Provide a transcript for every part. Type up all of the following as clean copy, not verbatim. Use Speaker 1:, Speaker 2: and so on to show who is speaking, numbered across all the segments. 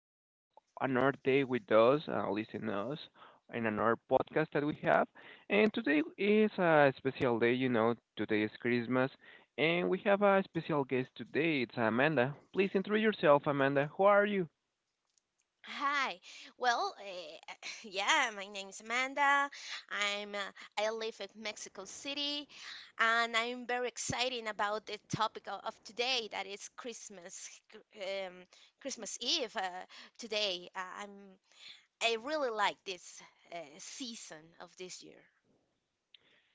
Speaker 1: to be another day with us, listen us in another podcast that we have. And today is a special day, you know. Today is Christmas, and we have a special guest today. It's Amanda. Please introduce yourself, Amanda. Who are you?
Speaker 2: Hi. Well, yeah, my name's Amanda. I'm uh, I live in Mexico City, and I'm very excited about the topic of today that is um, Christmas Eve today. I really like this season of this year.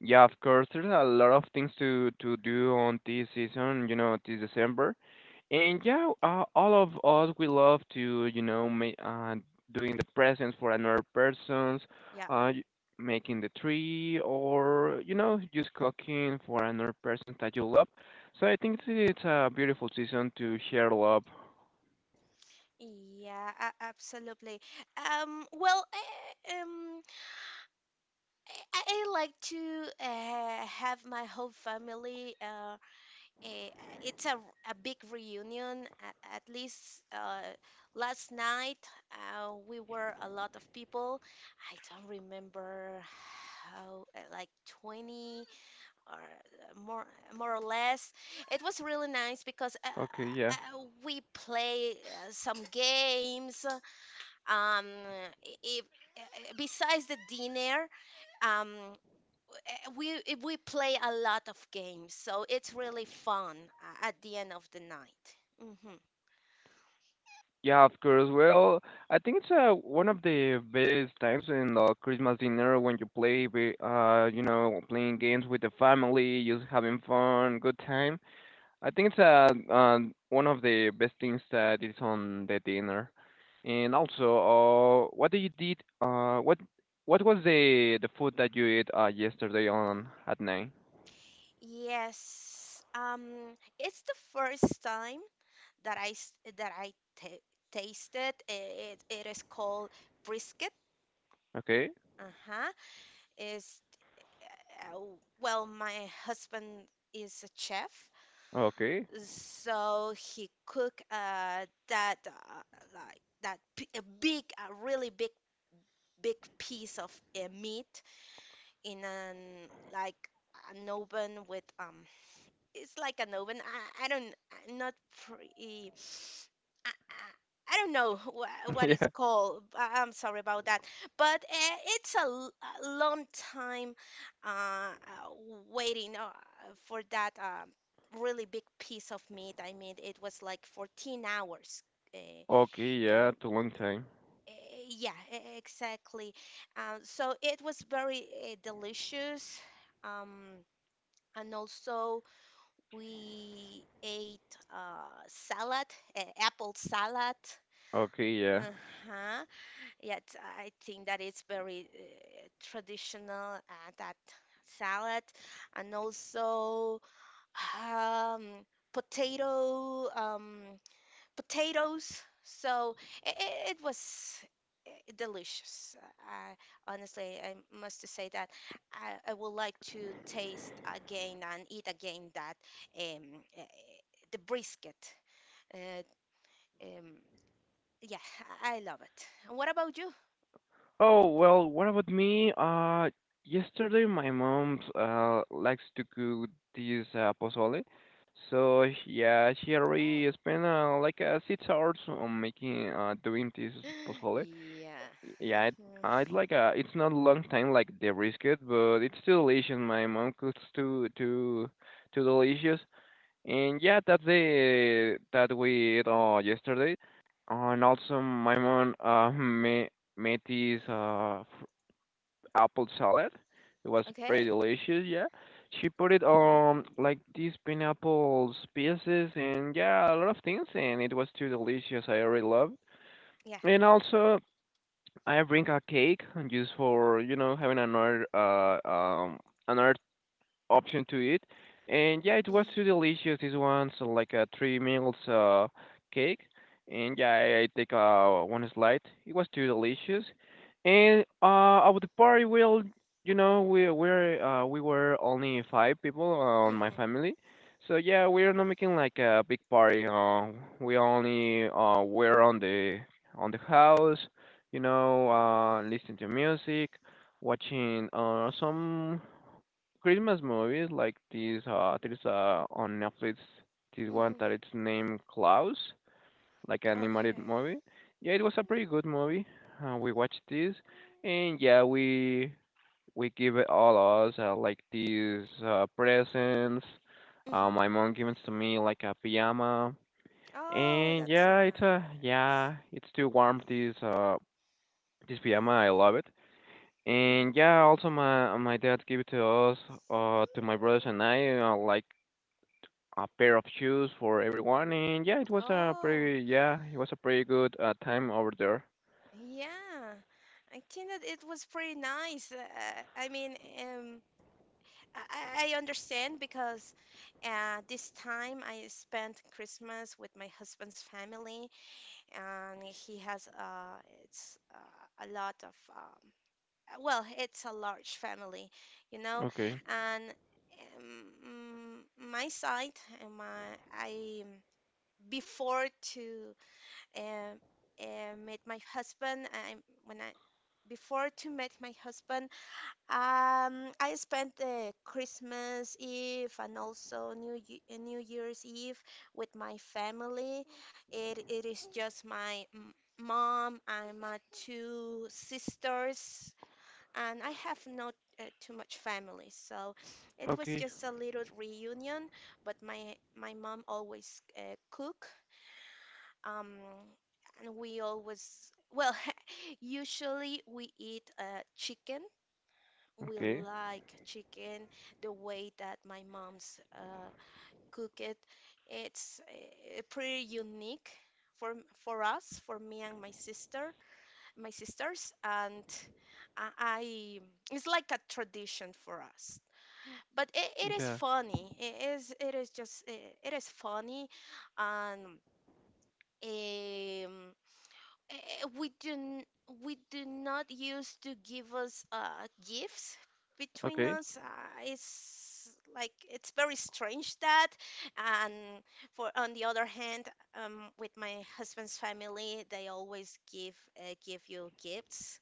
Speaker 1: Yeah, of course, there's a lot of things to do on this season, you know, this December. And yeah, all of us we love to, you know, ma doing the presents for another persons,
Speaker 2: Yeah.
Speaker 1: uh, y- making the tree, or you know, just cooking for another person that you love. So I think it's a beautiful season to share love.
Speaker 2: Yeah, absolutely. Um, well, eh, um, I like to have my whole family. A, it's a, r- a big reunion. At least last night, we were a lot of people. I don't remember how, like 20 or more, or less. It was really nice because
Speaker 1: Okay, yeah.
Speaker 2: we play some games. Um, if, uh, Besides the dinner, um, we play a lot of games, so it's really fun at the end of the night. hmm
Speaker 1: Yeah, of course. Well, I think it's one of the best times in the Christmas dinner when you play, you know, playing games with the family, just having fun, good time. I think it's one of the best things that is on the dinner. And also, what did you did? What was the food that you ate yesterday on at night?
Speaker 2: Yes, it's the first time that I tasted it. It is called brisket.
Speaker 1: Okay,
Speaker 2: Uh-huh. Is uh, well, my husband is a chef,
Speaker 1: okay,
Speaker 2: so he cook that like that p- a big, a really big, big piece of meat in an like an oven with it's like an oven. I don't I'm not pretty I don't know wha- what it's
Speaker 1: yeah,
Speaker 2: called. I'm sorry about that, but it's a long time uh uh, waiting for that really big piece of meat. I mean, it was like 14 hours. uh,
Speaker 1: okay, yeah,
Speaker 2: uh,
Speaker 1: too long time.
Speaker 2: Yeah, exactly. So it was very delicious. Um, and also we ate apple salad.
Speaker 1: Okay, yeah.
Speaker 2: Uh-huh. Yet I think that it's very traditional, that salad, and also um, potato. Um, potatoes. So it, it was eh, delicious. Honestly, I must to say that I would like to taste again and eat again that um, eh, the brisket. Uh, um, yeah, I love it. What about you?
Speaker 1: Oh, well, what about me? Yesterday my mom likes to cook this pozole. So yeah, she already
Speaker 2: Oh,
Speaker 1: spent like 6 hours on making doing this pozole.
Speaker 2: yeah.
Speaker 1: Yeah, it,
Speaker 2: Mhm.
Speaker 1: it's like it's not a long time like the brisket, but it's still delicious. My mom cooks too delicious. And yeah, that's the that we ate yesterday. And also my mom made this apple salad. It was pretty
Speaker 2: Okay.
Speaker 1: delicious. Yeah, she put it like these pineapples pieces and yeah a lot of things and it was too delicious. I really loved.
Speaker 2: Yeah.
Speaker 1: And also I bring a cake just for you know having another another option to eat. And yeah, it was
Speaker 2: Mhm.
Speaker 1: too delicious. This one's like a three meals cake. And yeah, I take one slice. It was too delicious. And at the party, well, you know, we were only five people on my
Speaker 2: Mhm.
Speaker 1: family. So yeah, we're not making like a big party. We only were on the house, you know, listening to music, watching some Christmas movies like this there's on Netflix this one
Speaker 2: Mhm.
Speaker 1: that it's named Klaus, like an animated
Speaker 2: Okay.
Speaker 1: movie. Yeah, it was a pretty good movie. We watched this and yeah, we give it all us like these presents.
Speaker 2: Mhm.
Speaker 1: My mom gives to me like a pajama.
Speaker 2: Oh,
Speaker 1: And
Speaker 2: that's nice.
Speaker 1: yeah, it's too warm this pajama. I love it.
Speaker 2: Mm-hmm.
Speaker 1: And yeah, also my dad gave to us, to my brothers and I, like a pair of shoes for everyone. And
Speaker 2: Oh,
Speaker 1: yeah, it was a pretty good time over there.
Speaker 2: yeah. I think that it was pretty nice. I mean, um, I understand because this time I spent Christmas with my husband's family, and he has it's a lot of well, it's a large family, you know,
Speaker 1: Okay,
Speaker 2: and my side, and my I before to met my husband. I When I before to meet my husband, I spent Christmas Eve and also New Year's Eve with my family. It is just my mom and my two sisters, and I have not too much family, so it was
Speaker 1: okay,
Speaker 2: just a little reunion. But my mom always cook, um, and we always, well, usually we eat chicken. We
Speaker 1: okay,
Speaker 2: like chicken the way that my mom's cook it. It's pretty unique for us, for me and my sisters, and I it's like a tradition for us. But it is
Speaker 1: yeah,
Speaker 2: funny. It is funny, and um, Eh, we do n- we do not use to give us gifts between
Speaker 1: okay,
Speaker 2: us. It's like it's very strange that. And for on the other hand, with my husband's family, they always give you gifts,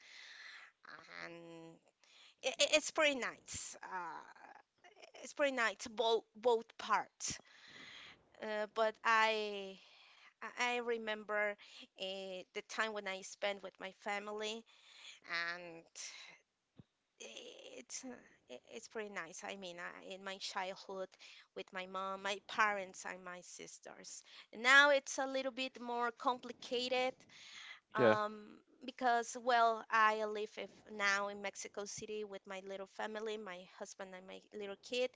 Speaker 2: and I it's pretty nice. It's pretty nice both parts. But I remember the time when I spent with my family, and it's uh, it's pretty nice. I mean, in my childhood with my mom, my parents, and my sisters. Now it's a little bit more complicated,
Speaker 1: yeah,
Speaker 2: because, well, I live if now in Mexico City with my little family, my husband and my little kid,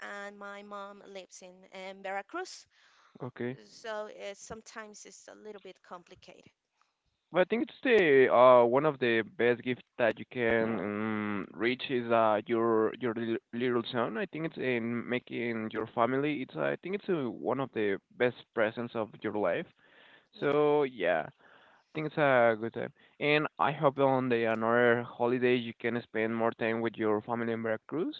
Speaker 2: and my mom lives in Veracruz.
Speaker 1: okay.
Speaker 2: So sometimes it's a little bit complicated.
Speaker 1: But I think it's the one of the best gifts that you can reach is your little son. I think it's in making your family. It's I think it's one of the best presents of your life.
Speaker 2: Yeah.
Speaker 1: So yeah. Think it's a good time. And I hope on the another holiday you can spend more time with your family in Veracruz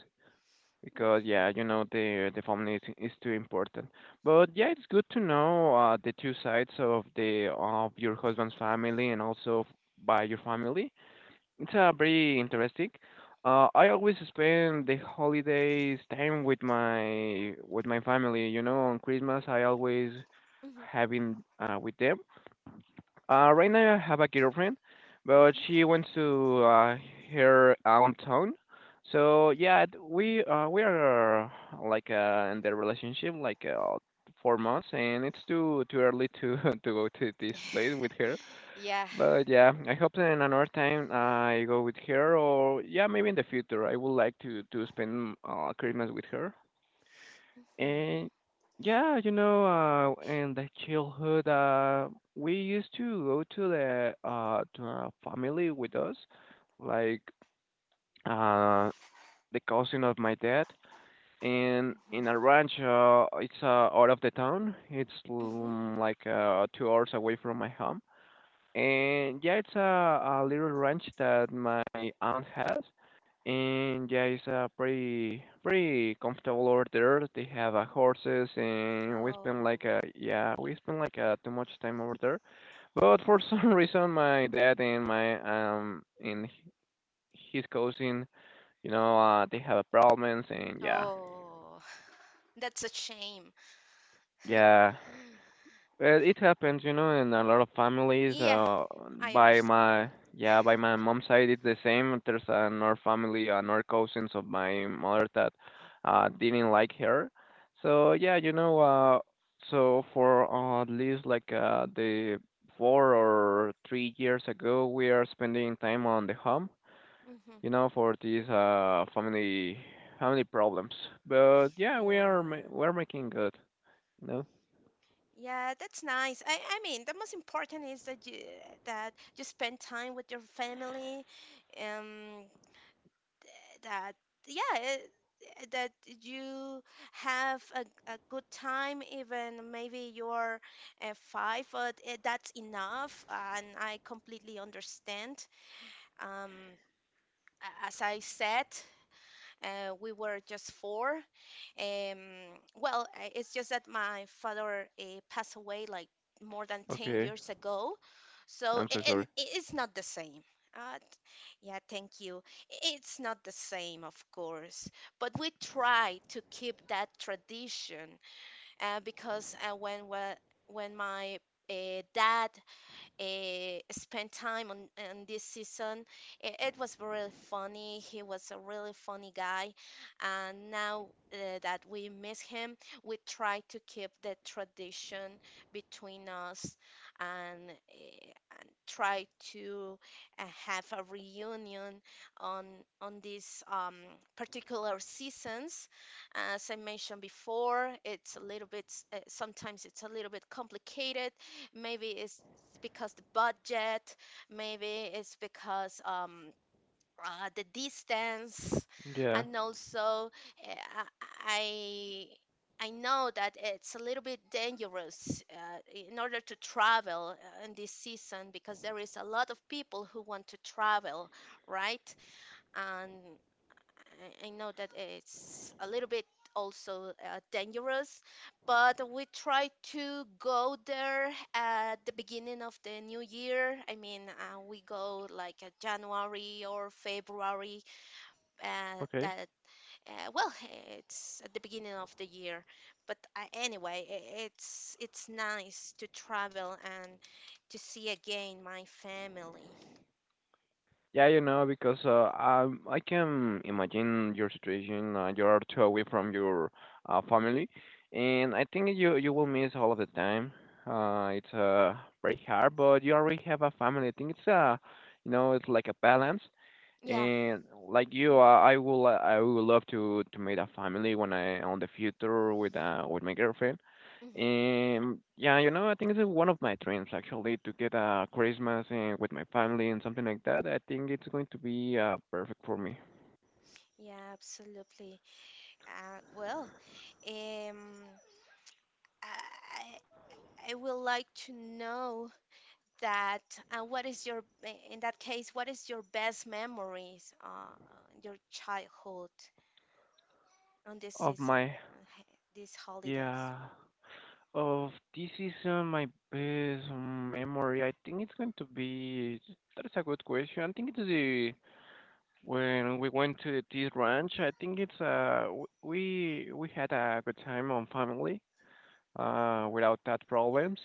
Speaker 1: because
Speaker 2: Mhm,
Speaker 1: yeah, you know the family is too important. But yeah, it's good to know the two sides of the of your husband's family and by your family. It's very interesting. I always spend the holidays time with my family. You know, on Christmas I always
Speaker 2: mhm,
Speaker 1: having with them right now I have a girlfriend, but she went to her hometown. So yeah, we are like in the relationship like 4 months, and it's too early to to go to this place
Speaker 2: mhm.
Speaker 1: with her.
Speaker 2: Yeah.
Speaker 1: But yeah, I hope that in another time I go with her, or yeah, maybe in the future I would like to spend Christmas with her.
Speaker 2: Mhm,
Speaker 1: And yeah, you know, in the childhood, we used to go to the to our family with us, like uh the cousin of my dad, and in a
Speaker 2: mhm,
Speaker 1: ranch. It's out of the town. It's
Speaker 2: mhm.
Speaker 1: like 2 hours away from my home. And yeah, it's a little ranch that my aunt has. And yeah, it's a pretty comfortable over there. They have horses, and we spend
Speaker 2: Oh,
Speaker 1: like a yeah, we spend like a too much time over there. But for some reason, my dad and um and h- his cousin, you know, they have problems, and yeah,
Speaker 2: oh, that's a shame.
Speaker 1: yeah, well, it happens, you know, in a lot of families.
Speaker 2: Yeah, I
Speaker 1: By
Speaker 2: understand.
Speaker 1: my Yeah, by my mom's side, it's the same. There's another family, another cousins of my mother that didn't like her. So yeah, you know, so for at least like the 4 or 3 years ago, we are spending time on the home,
Speaker 2: hmm
Speaker 1: you know, for these family family problems. But yeah,
Speaker 2: Yeah.
Speaker 1: we're making good. You know.
Speaker 2: Yeah, that's nice. I mean, the most important is that you spend time with your family, um, that yeah, eh, that you have a good time, even maybe you're five, but that's enough, and I completely understand. Um, as I said, we were just four. Um, well, it's just that my father passed away like more than 10
Speaker 1: Okay,
Speaker 2: years ago. So,
Speaker 1: I'm so
Speaker 2: and
Speaker 1: sorry.
Speaker 2: it's not the same. Uh, t- yeah, thank you. It's not the same, of course, but we try to keep that tradition, because when my uh, dad spent time on this season. It was really funny. He was a really funny guy, and now that we miss him, we try to keep the tradition between us and, uh, and try to have a reunion on on these particular seasons. As I mentioned before, it's a little bit, sometimes it's a little bit complicated. Maybe it's because the budget, maybe it's because the distance,
Speaker 1: Yeah.
Speaker 2: and also eh, I I know that it's a little bit dangerous in order to travel in this season because there is a lot of people who want to travel, right? And I know that it's a little bit also dangerous, but we try to go there at the beginning of the new year. I mean, we go like January or February.
Speaker 1: Okay.
Speaker 2: That Well, it's at the beginning of the year. But anyway, it's nice to travel and to see again my family.
Speaker 1: Yeah, you know, because I can imagine your situation. You're too away from your family, and I think you will miss all of the time. It's Very hard, but you already have a family. I think it's you know, it's like a balance.
Speaker 2: Yeah.
Speaker 1: And like you,
Speaker 2: hmm
Speaker 1: I will love to make a family when I on the future with my girlfriend.
Speaker 2: hmm
Speaker 1: Yeah, you know, I think it's one of my dreams actually to get a Christmas with my family and something like that. I think it's going to be perfect for me.
Speaker 2: Yeah, absolutely. Well, um, I, I would like to know that what is your, in that case, what is your best memories, your childhood on this
Speaker 1: Of
Speaker 2: season,
Speaker 1: my,
Speaker 2: uh, h- these holidays?
Speaker 1: yeah, of this season, my best memory, I think it's going to be. That's a good question. I think it's the when we went to the tea ranch. I think it's we had a good time on family without that problems.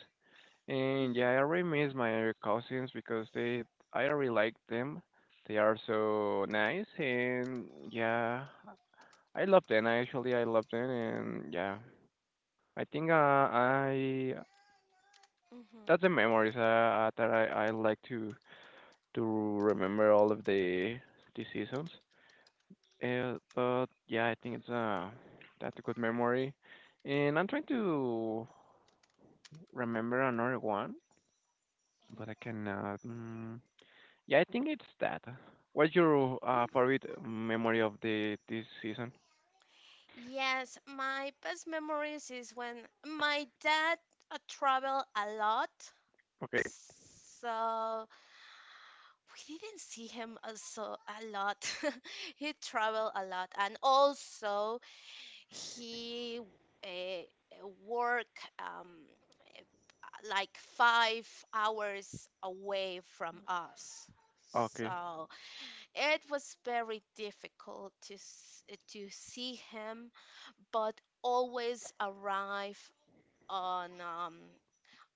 Speaker 1: And
Speaker 2: hmm
Speaker 1: yeah, I really miss my cousins because they, I really like them. They are so nice, and yeah, I love them. Actually, I love them, and yeah, I think I
Speaker 2: hmm
Speaker 1: that's the memories that I like to remember all of the seasons. But yeah, I think it's that's a good memory, and I'm trying to remember another one, but I
Speaker 2: hmm
Speaker 1: cannot. Yeah, I think it's that. What's your
Speaker 2: Mm.
Speaker 1: favorite memory of the this season?
Speaker 2: Yes, my best memories is when my dad traveled a lot.
Speaker 1: Okay,
Speaker 2: So we didn't see him so, a lot. He traveled a lot, and also he work, um, like 5 hours away from us.
Speaker 1: okay,
Speaker 2: So it was very difficult to see him, but always arrive on um,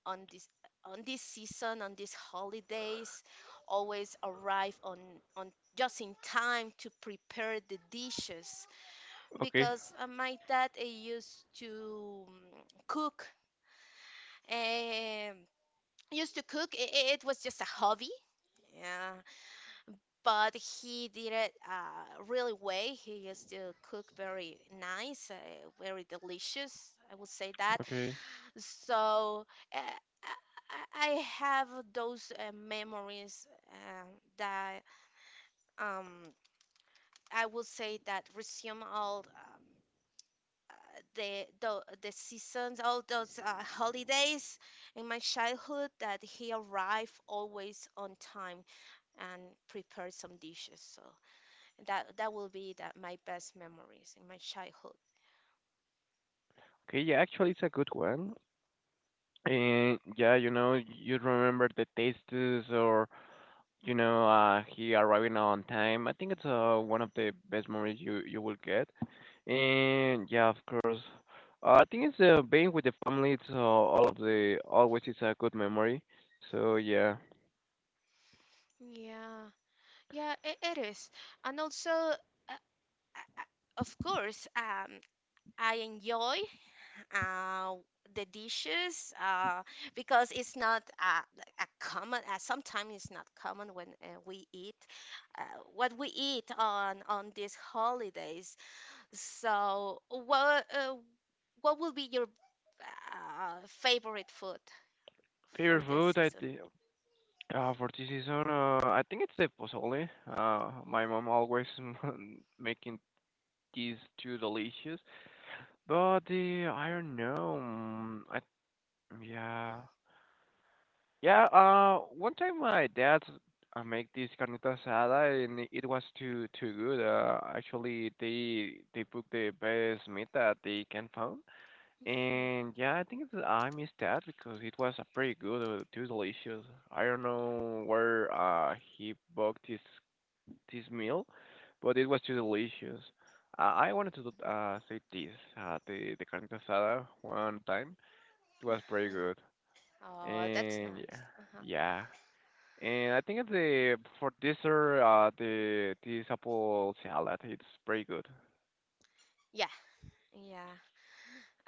Speaker 2: on this season, on these holidays, always arrive on just in time to prepare the dishes,
Speaker 1: okay,
Speaker 2: because my dad used to cook um, used to cook it. It was just a hobby, yeah, but he did it really well. He used to cook very nice, very delicious, I would say that.
Speaker 1: okay,
Speaker 2: So uh, I have those memories that um, I would say that resume all the seasons, all those holidays in my childhood that he arrived always on time and prepared some dishes. So that will be that my best memories in my childhood.
Speaker 1: okay. Yeah, actually, it's a good one. And yeah, you know, you remember the tastes or you know, he arriving on time. I think it's one of the best memories you will get. And yeah, of course, I think it's being with the family. It's all of the always it's a good memory. So yeah,
Speaker 2: Yeah, yeah, it is, and also, uh, uh, of course, I enjoy uh, the dishes, because it's not a common. Sometimes it's not common when we eat uh, what we eat on these holidays. So, what will be your favorite food for
Speaker 1: favorite
Speaker 2: this
Speaker 1: food. I
Speaker 2: season?
Speaker 1: think. For this season, I think it's the pozole.
Speaker 2: Mm,
Speaker 1: My mom always making these too delicious, but the I don't know. Mm, I Yeah, yeah. One time my dad make this carnita asada, and it was too good. Actually, they put the best meat that they can found,
Speaker 2: mhm.
Speaker 1: and yeah, I think it's, I missed that because it was a pretty good, too delicious. I don't know where he bought this meal, but it was too delicious. I wanted to say this, the carne asada one time. It was pretty
Speaker 2: Uh,
Speaker 1: good,
Speaker 2: Oh, that's
Speaker 1: and yeah,
Speaker 2: nice. Uh-huh.
Speaker 1: yeah. And I think at the for dessert, the this apple salad, it's pretty good.
Speaker 2: Yeah, yeah.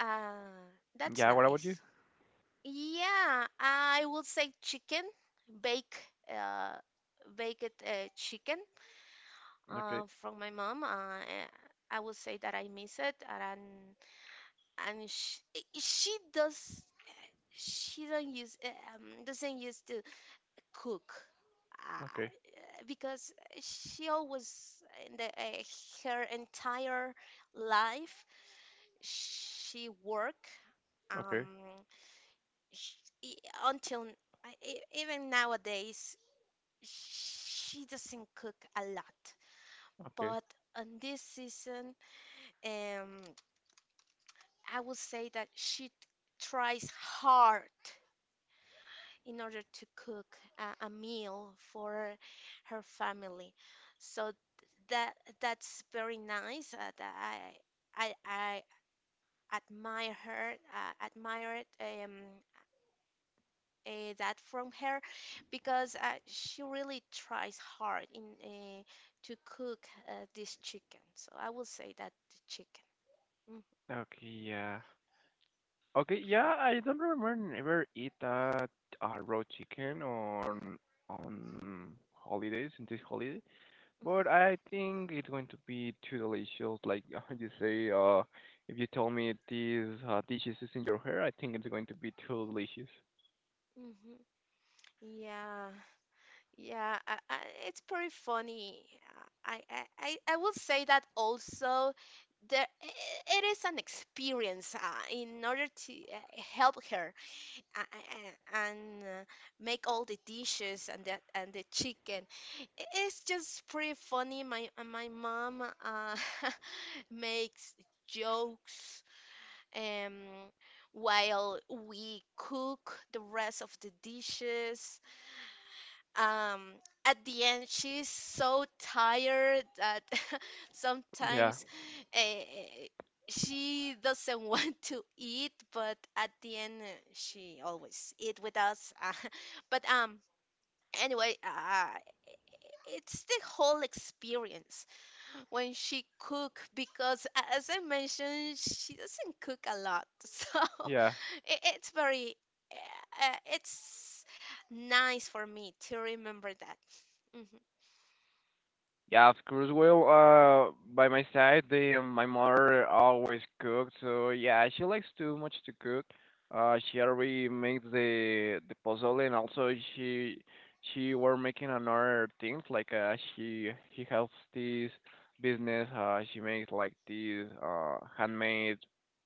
Speaker 2: Uh, that's
Speaker 1: Yeah, what about you?
Speaker 2: nice. Yeah, I will say chicken, bake, uh, baked chicken
Speaker 1: Okay,
Speaker 2: from my mom. I will say that I miss it, and and she, she does she don't use eh, doesn't use to cook,
Speaker 1: okay,
Speaker 2: because she always in the her entire life she work. Um,
Speaker 1: okay,
Speaker 2: sh e- until n- I- e- Even nowadays, she doesn't cook a lot.
Speaker 1: okay, okay.
Speaker 2: But on this season, um, I would say that she tries hard in order to cook a meal for her family. So that that's very nice. That I admire her. Admire it. That from her, because she really tries hard in to cook this chicken. So I will say that the chicken. Mhm,
Speaker 1: Yeah, okay. Yeah, I don't remember ever eat raw chicken on on holidays in this holiday.
Speaker 2: mhm,
Speaker 1: But I think it's going to be too delicious. Like you say, if you tell me these dishes is in your hair, I think it's going to be too delicious.
Speaker 2: mhm. Yeah, yeah, it's pretty funny. I will say that also it is an experience in order to help her and make all the dishes and the chicken. It's just pretty funny. My mom makes jokes, um, while we cook the rest of the dishes. um at the end she's so tired that
Speaker 1: Yeah,
Speaker 2: sometimes, uh, she doesn't want to eat, but at the end, she always eat with us. But anyway, it's the whole experience when she cook, because as I mentioned, she doesn't cook a lot. So
Speaker 1: yeah.
Speaker 2: it, it's very it's nice for me to remember that. Mhm.
Speaker 1: Yeah, of course. Well, by my side, the my mother always cooks, so yeah, she likes too much to cook. She already makes the pozole, and also she were making another things like she helps this business. She makes like these handmade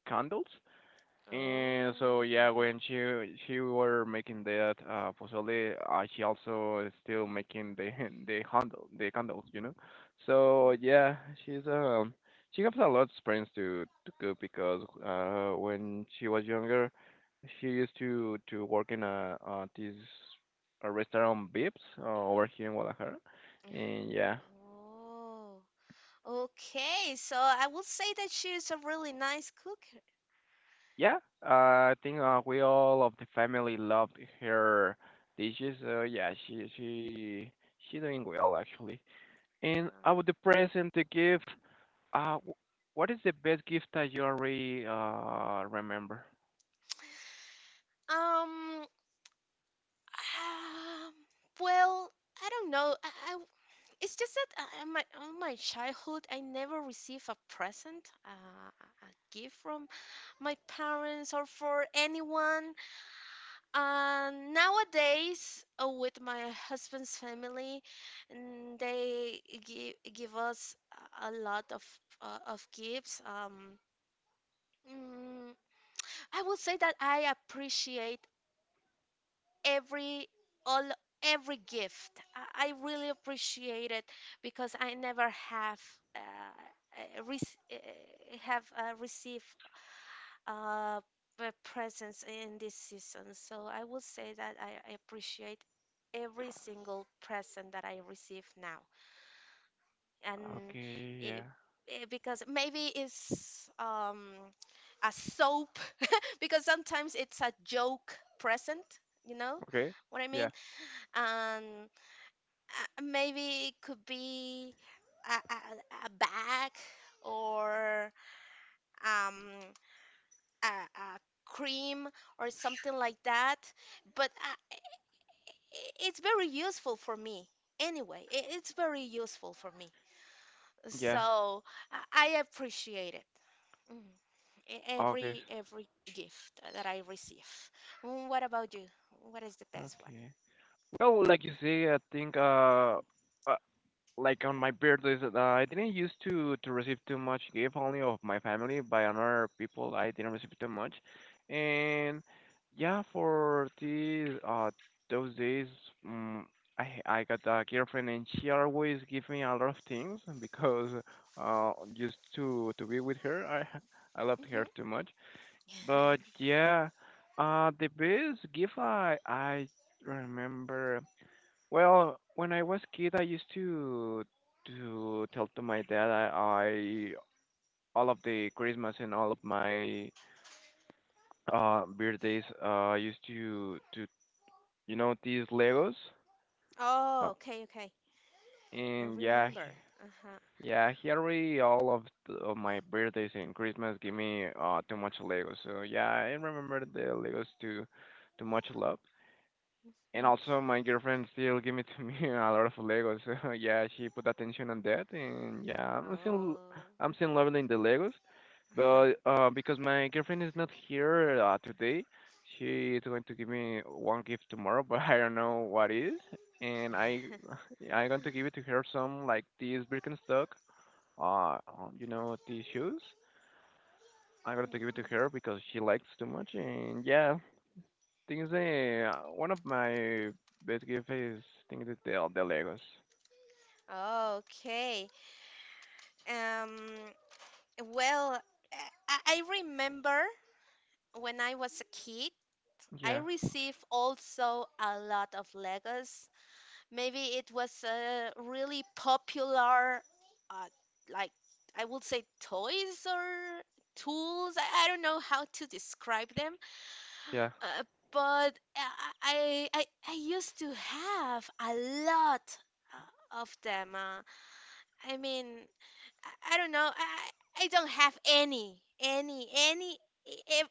Speaker 1: candles. And so
Speaker 2: Oh.
Speaker 1: yeah,
Speaker 2: Uh-huh.
Speaker 1: when she were making that pozole, she also is still making the the candles, you know. So
Speaker 2: Mm,
Speaker 1: yeah, she's she has a lot of experience to cook because when she was younger, she used to work in a restaurant Vips, over here in Guadalajara,
Speaker 2: yeah.
Speaker 1: and yeah.
Speaker 2: Oh. Okay, so I will say that she's a really nice cooker.
Speaker 1: Yeah, I think we all of the family loved her dishes. So yeah, she she doing well actually. And
Speaker 2: Uh,
Speaker 1: about the present, the gift. What is the best gift that you already remember?
Speaker 2: Um, um, well, I don't know. I It's just that I, my on my childhood, I never received a present, a gift from my parents or for anyone. And nowadays, with my husband's family, they give us a lot of gifts. Mm, I would say that I appreciate every all every gift. I really appreciate it because I never have uh, uh, rec- uh, have received uh, presents in this season. So I would say that I appreciate every single present that I receive now, and
Speaker 1: Okay,
Speaker 2: it,
Speaker 1: yeah.
Speaker 2: because maybe it's a soap because sometimes it's a joke present. You know
Speaker 1: Okay,
Speaker 2: what I mean?
Speaker 1: yeah,
Speaker 2: Maybe it could be a, a, a bag or um, a cream or something like that. But uh, i- it's very useful for me anyway. It's very useful for me.
Speaker 1: yeah.
Speaker 2: So I appreciate it. Mm, e- Every
Speaker 1: August.
Speaker 2: every gift that I receive. What about you? What is the best one?
Speaker 1: Okay. Well, like you say, I think uh like on my birthdays, I didn't used to receive too much gift only of my family by other people. I didn't receive too much, and yeah, for these those days, um, I got a girlfriend and she always give me a lot of things because used to be with her. I I loved
Speaker 2: Hmm.
Speaker 1: her too much, but yeah, the best gift I remember well, when I was kid, I used to tell to my dad I all of the Christmas and all of my birthdays I used to you know these Legos,
Speaker 2: Oh,
Speaker 1: uh,
Speaker 2: okay, okay. I
Speaker 1: and
Speaker 2: remember. Uh-huh.
Speaker 1: yeah he already all of, the, of my birthdays and Christmas give me too much Legos, so yeah I remember the Legos too too much love. And also, my girlfriend still give it to me a lot of Legos. So yeah, she put attention on that, and yeah,
Speaker 2: Oh.
Speaker 1: I'm still loving the Legos. But because my girlfriend is not here, today, she is going to give me one gift tomorrow, but I don't know what is. And I
Speaker 2: Uh-huh.
Speaker 1: I'm going to give it to her some like these Birkenstock, you know, these shoes. I'm going to give it to her because she likes too much, and yeah, one of my best gift is thing is the Legos.
Speaker 2: Mhm. Okay. Um, well, I I remember when I was a kid, I
Speaker 1: Yeah,
Speaker 2: received also a lot of Legos. Maybe it was a really popular, uh, like I would say, toys or tools. I don't know how to describe them.
Speaker 1: yeah.
Speaker 2: Uh, but I used to have a lot of them. I mean, I don't know. I don't have e-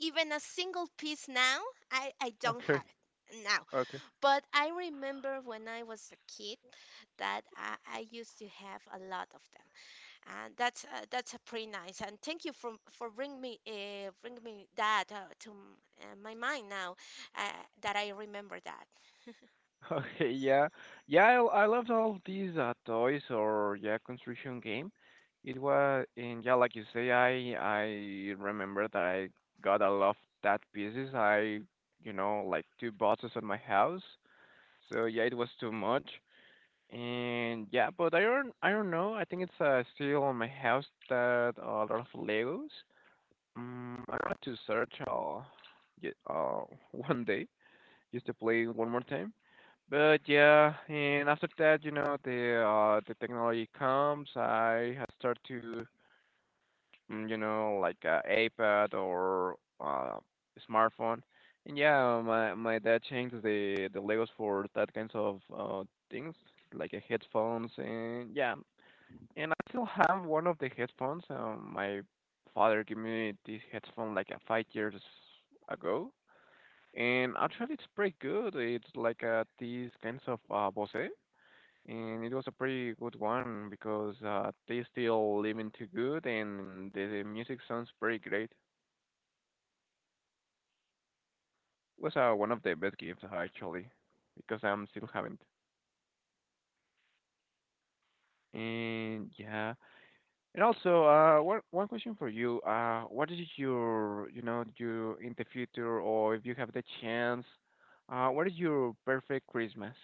Speaker 2: even a single piece now. I don't
Speaker 1: Okay,
Speaker 2: have it now.
Speaker 1: okay,
Speaker 2: But I remember when I was a kid that I used to have a lot of them, and that's pretty nice. And thank you for bring me that to my mind now uh, that I remember that.
Speaker 1: okay. Yeah, yeah. I loved all these toys or yeah construction game. It was and yeah, like you say, I remember that I got a lot of that pieces. I you know like two boxes at my house. So yeah, it was too much. And yeah, but I don't know. I think it's still on my house that a lot of Legos. I wanted to search ye- uh, one day just to play one more time. But yeah, and after that, you know, the technology comes. Start to, you know, like iPad or uh, smartphone. And yeah, my dad changed the Legos for that kinds of things, like headphones and yeah and I still have one of the headphones. My father gave me this headphone like 5 years ago, and actually it's pretty good. It's like these kinds of Bose, and it was a pretty good one because they still living too good, and the music sounds pretty great. Was one of the best gifts, actually, because I'm still having it. And yeah, and also, one question for you. What is your, you know, you in the future, or if you have the chance, what is your perfect Christmas,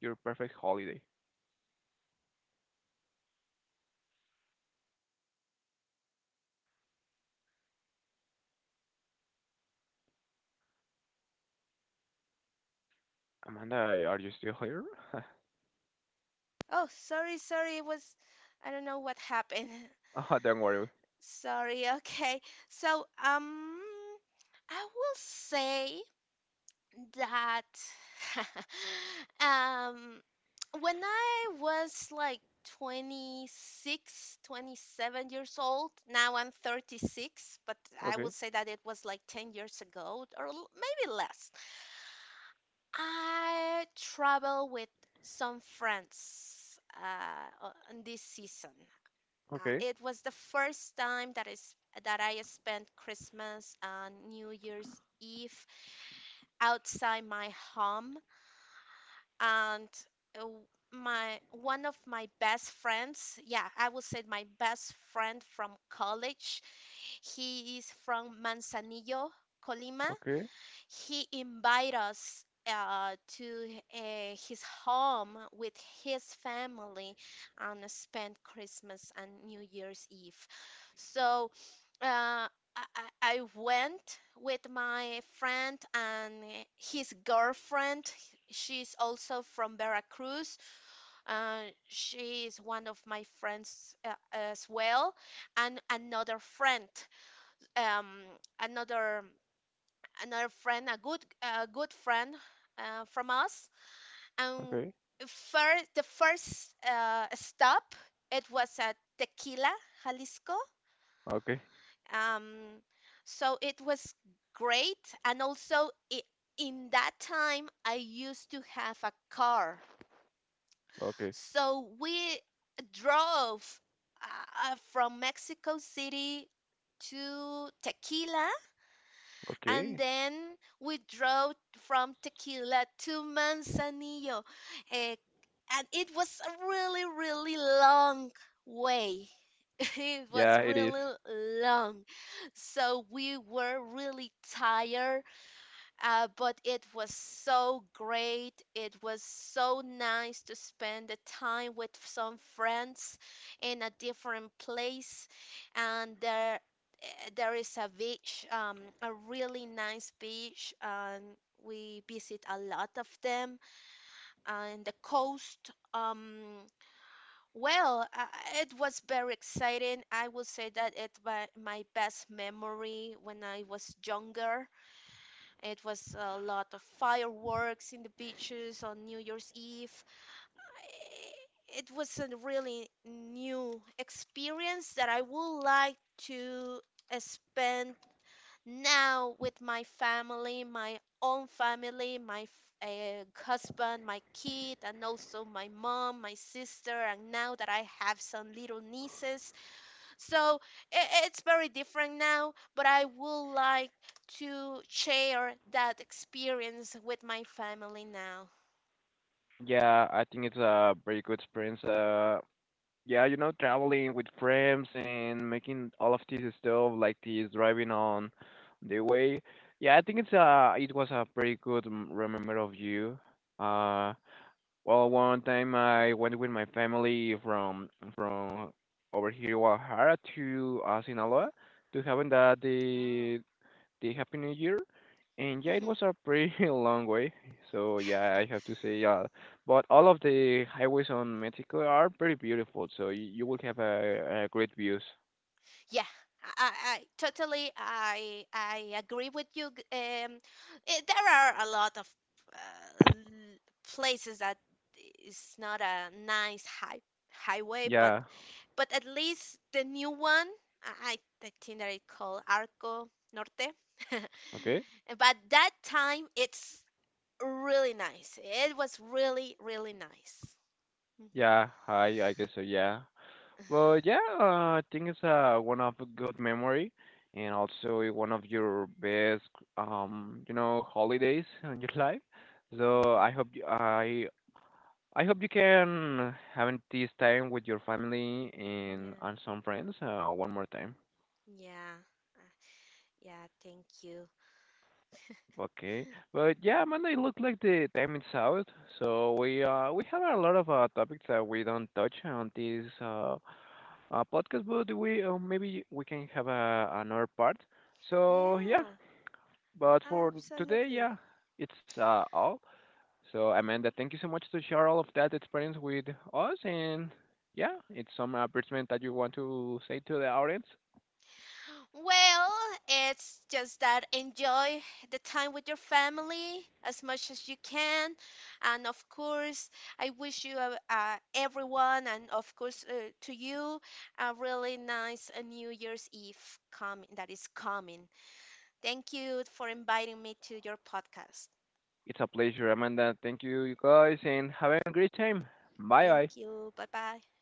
Speaker 1: your perfect holiday? Amanda, are you still here?
Speaker 2: Oh, sorry, sorry, it was I don't know what happened.
Speaker 1: Ah, don't worry.
Speaker 2: Sorry. Okay. So I will say that um when I was like 26, 27 years old, now I'm 36, but I
Speaker 1: Okay,
Speaker 2: would say that it was like 10 years ago maybe less. I travel with some friends on this season.
Speaker 1: okay,
Speaker 2: It was the first time that I spent Christmas and New Year's Eve outside my home, and w- my one of my best friends, yeah, I would say my best friend from college, he is from Manzanillo, Colima.
Speaker 1: okay,
Speaker 2: He invited us to his home with his family and spent Christmas and New Year's Eve. So uh, I, I went with my friend and his girlfriend. She's also from Veracruz. She is one of my friends as well, and another friend, um, another another friend, a good friend from us. And
Speaker 1: okay,
Speaker 2: first, the first stop it was at Tequila, Jalisco.
Speaker 1: okay,
Speaker 2: Um, so it was great, and also I in that time I used to have a car,
Speaker 1: okay,
Speaker 2: so we drove from Mexico City to Tequila. And
Speaker 1: okay.
Speaker 2: then we drove from Tequila to Manzanillo. eh, and it was a really, really long way. It was
Speaker 1: Yeah, it is.
Speaker 2: really long. So we were really tired, but it was so great. It was so nice to spend the time with some friends in a different place. And there, there is a beach, a really nice beach, and we visit a lot of them. And the coast, well, uh, it was very exciting. I would say that it was my best memory when I was younger. It was a lot of fireworks in the beaches on New Year's Eve. It was a really new experience that I would like to spend now with my family, my own family, my husband, my kid, and also my mom, my sister. And now that I have some little nieces, so it's very different now, but I would like to share that experience with my family now.
Speaker 1: Yeah, I think it's a very good experience. Yeah, you know, traveling with friends and making all of this stuff like this driving on the way. Yeah, I think it's it was a pretty good remember of you. Uh, well, one time I went with my family from over here Guadalajara to, Sinaloa
Speaker 2: Mhm.
Speaker 1: to having that
Speaker 2: No.
Speaker 1: the Happy New Year. And yeah, it
Speaker 2: Mhm.
Speaker 1: was a pretty long way. So yeah, I have to say, yeah. But all of the highways on Mexico are pretty beautiful. So you will have a great views.
Speaker 2: Yeah, I- totally I agree with you. There are a lot of uh, places that is not a nice highway. but
Speaker 1: Yeah.
Speaker 2: But at least the new one, I, I think that it called Arco Norte.
Speaker 1: Okay.
Speaker 2: But that time, it's really nice. It was really, really nice. Mhm.
Speaker 1: Yeah. I guess so. Yeah. Well, yeah. I think it's one of a good memory, and also one of your best you know holidays in your life. So I
Speaker 2: Mhm.
Speaker 1: hope you, I hope you can having this time with your family
Speaker 2: Yeah,
Speaker 1: and some friends, one more time.
Speaker 2: yeah, yeah, thank you.
Speaker 1: Okay, but yeah, Amanda, it looks like the time is out, so we have a lot of topics that we don't touch on this podcast, but we, maybe we can have a, another part. So yeah,
Speaker 2: Yeah,
Speaker 1: but for today,
Speaker 2: absolutely.
Speaker 1: yeah, it's all. So Amanda, thank you so much to share all of that experience with us, and yeah, it's some advertisement that you want to say to the audience.
Speaker 2: Well, it's just that enjoy the time with your family as much as you can. And of course, I wish you, everyone, and of course, to you, a really nice New Year's Eve coming that is coming. Thank you for inviting me to your podcast.
Speaker 1: It's a pleasure, Amanda. Thank you, you guys, and have a great time. Bye
Speaker 2: Thank
Speaker 1: bye.
Speaker 2: you. Bye bye.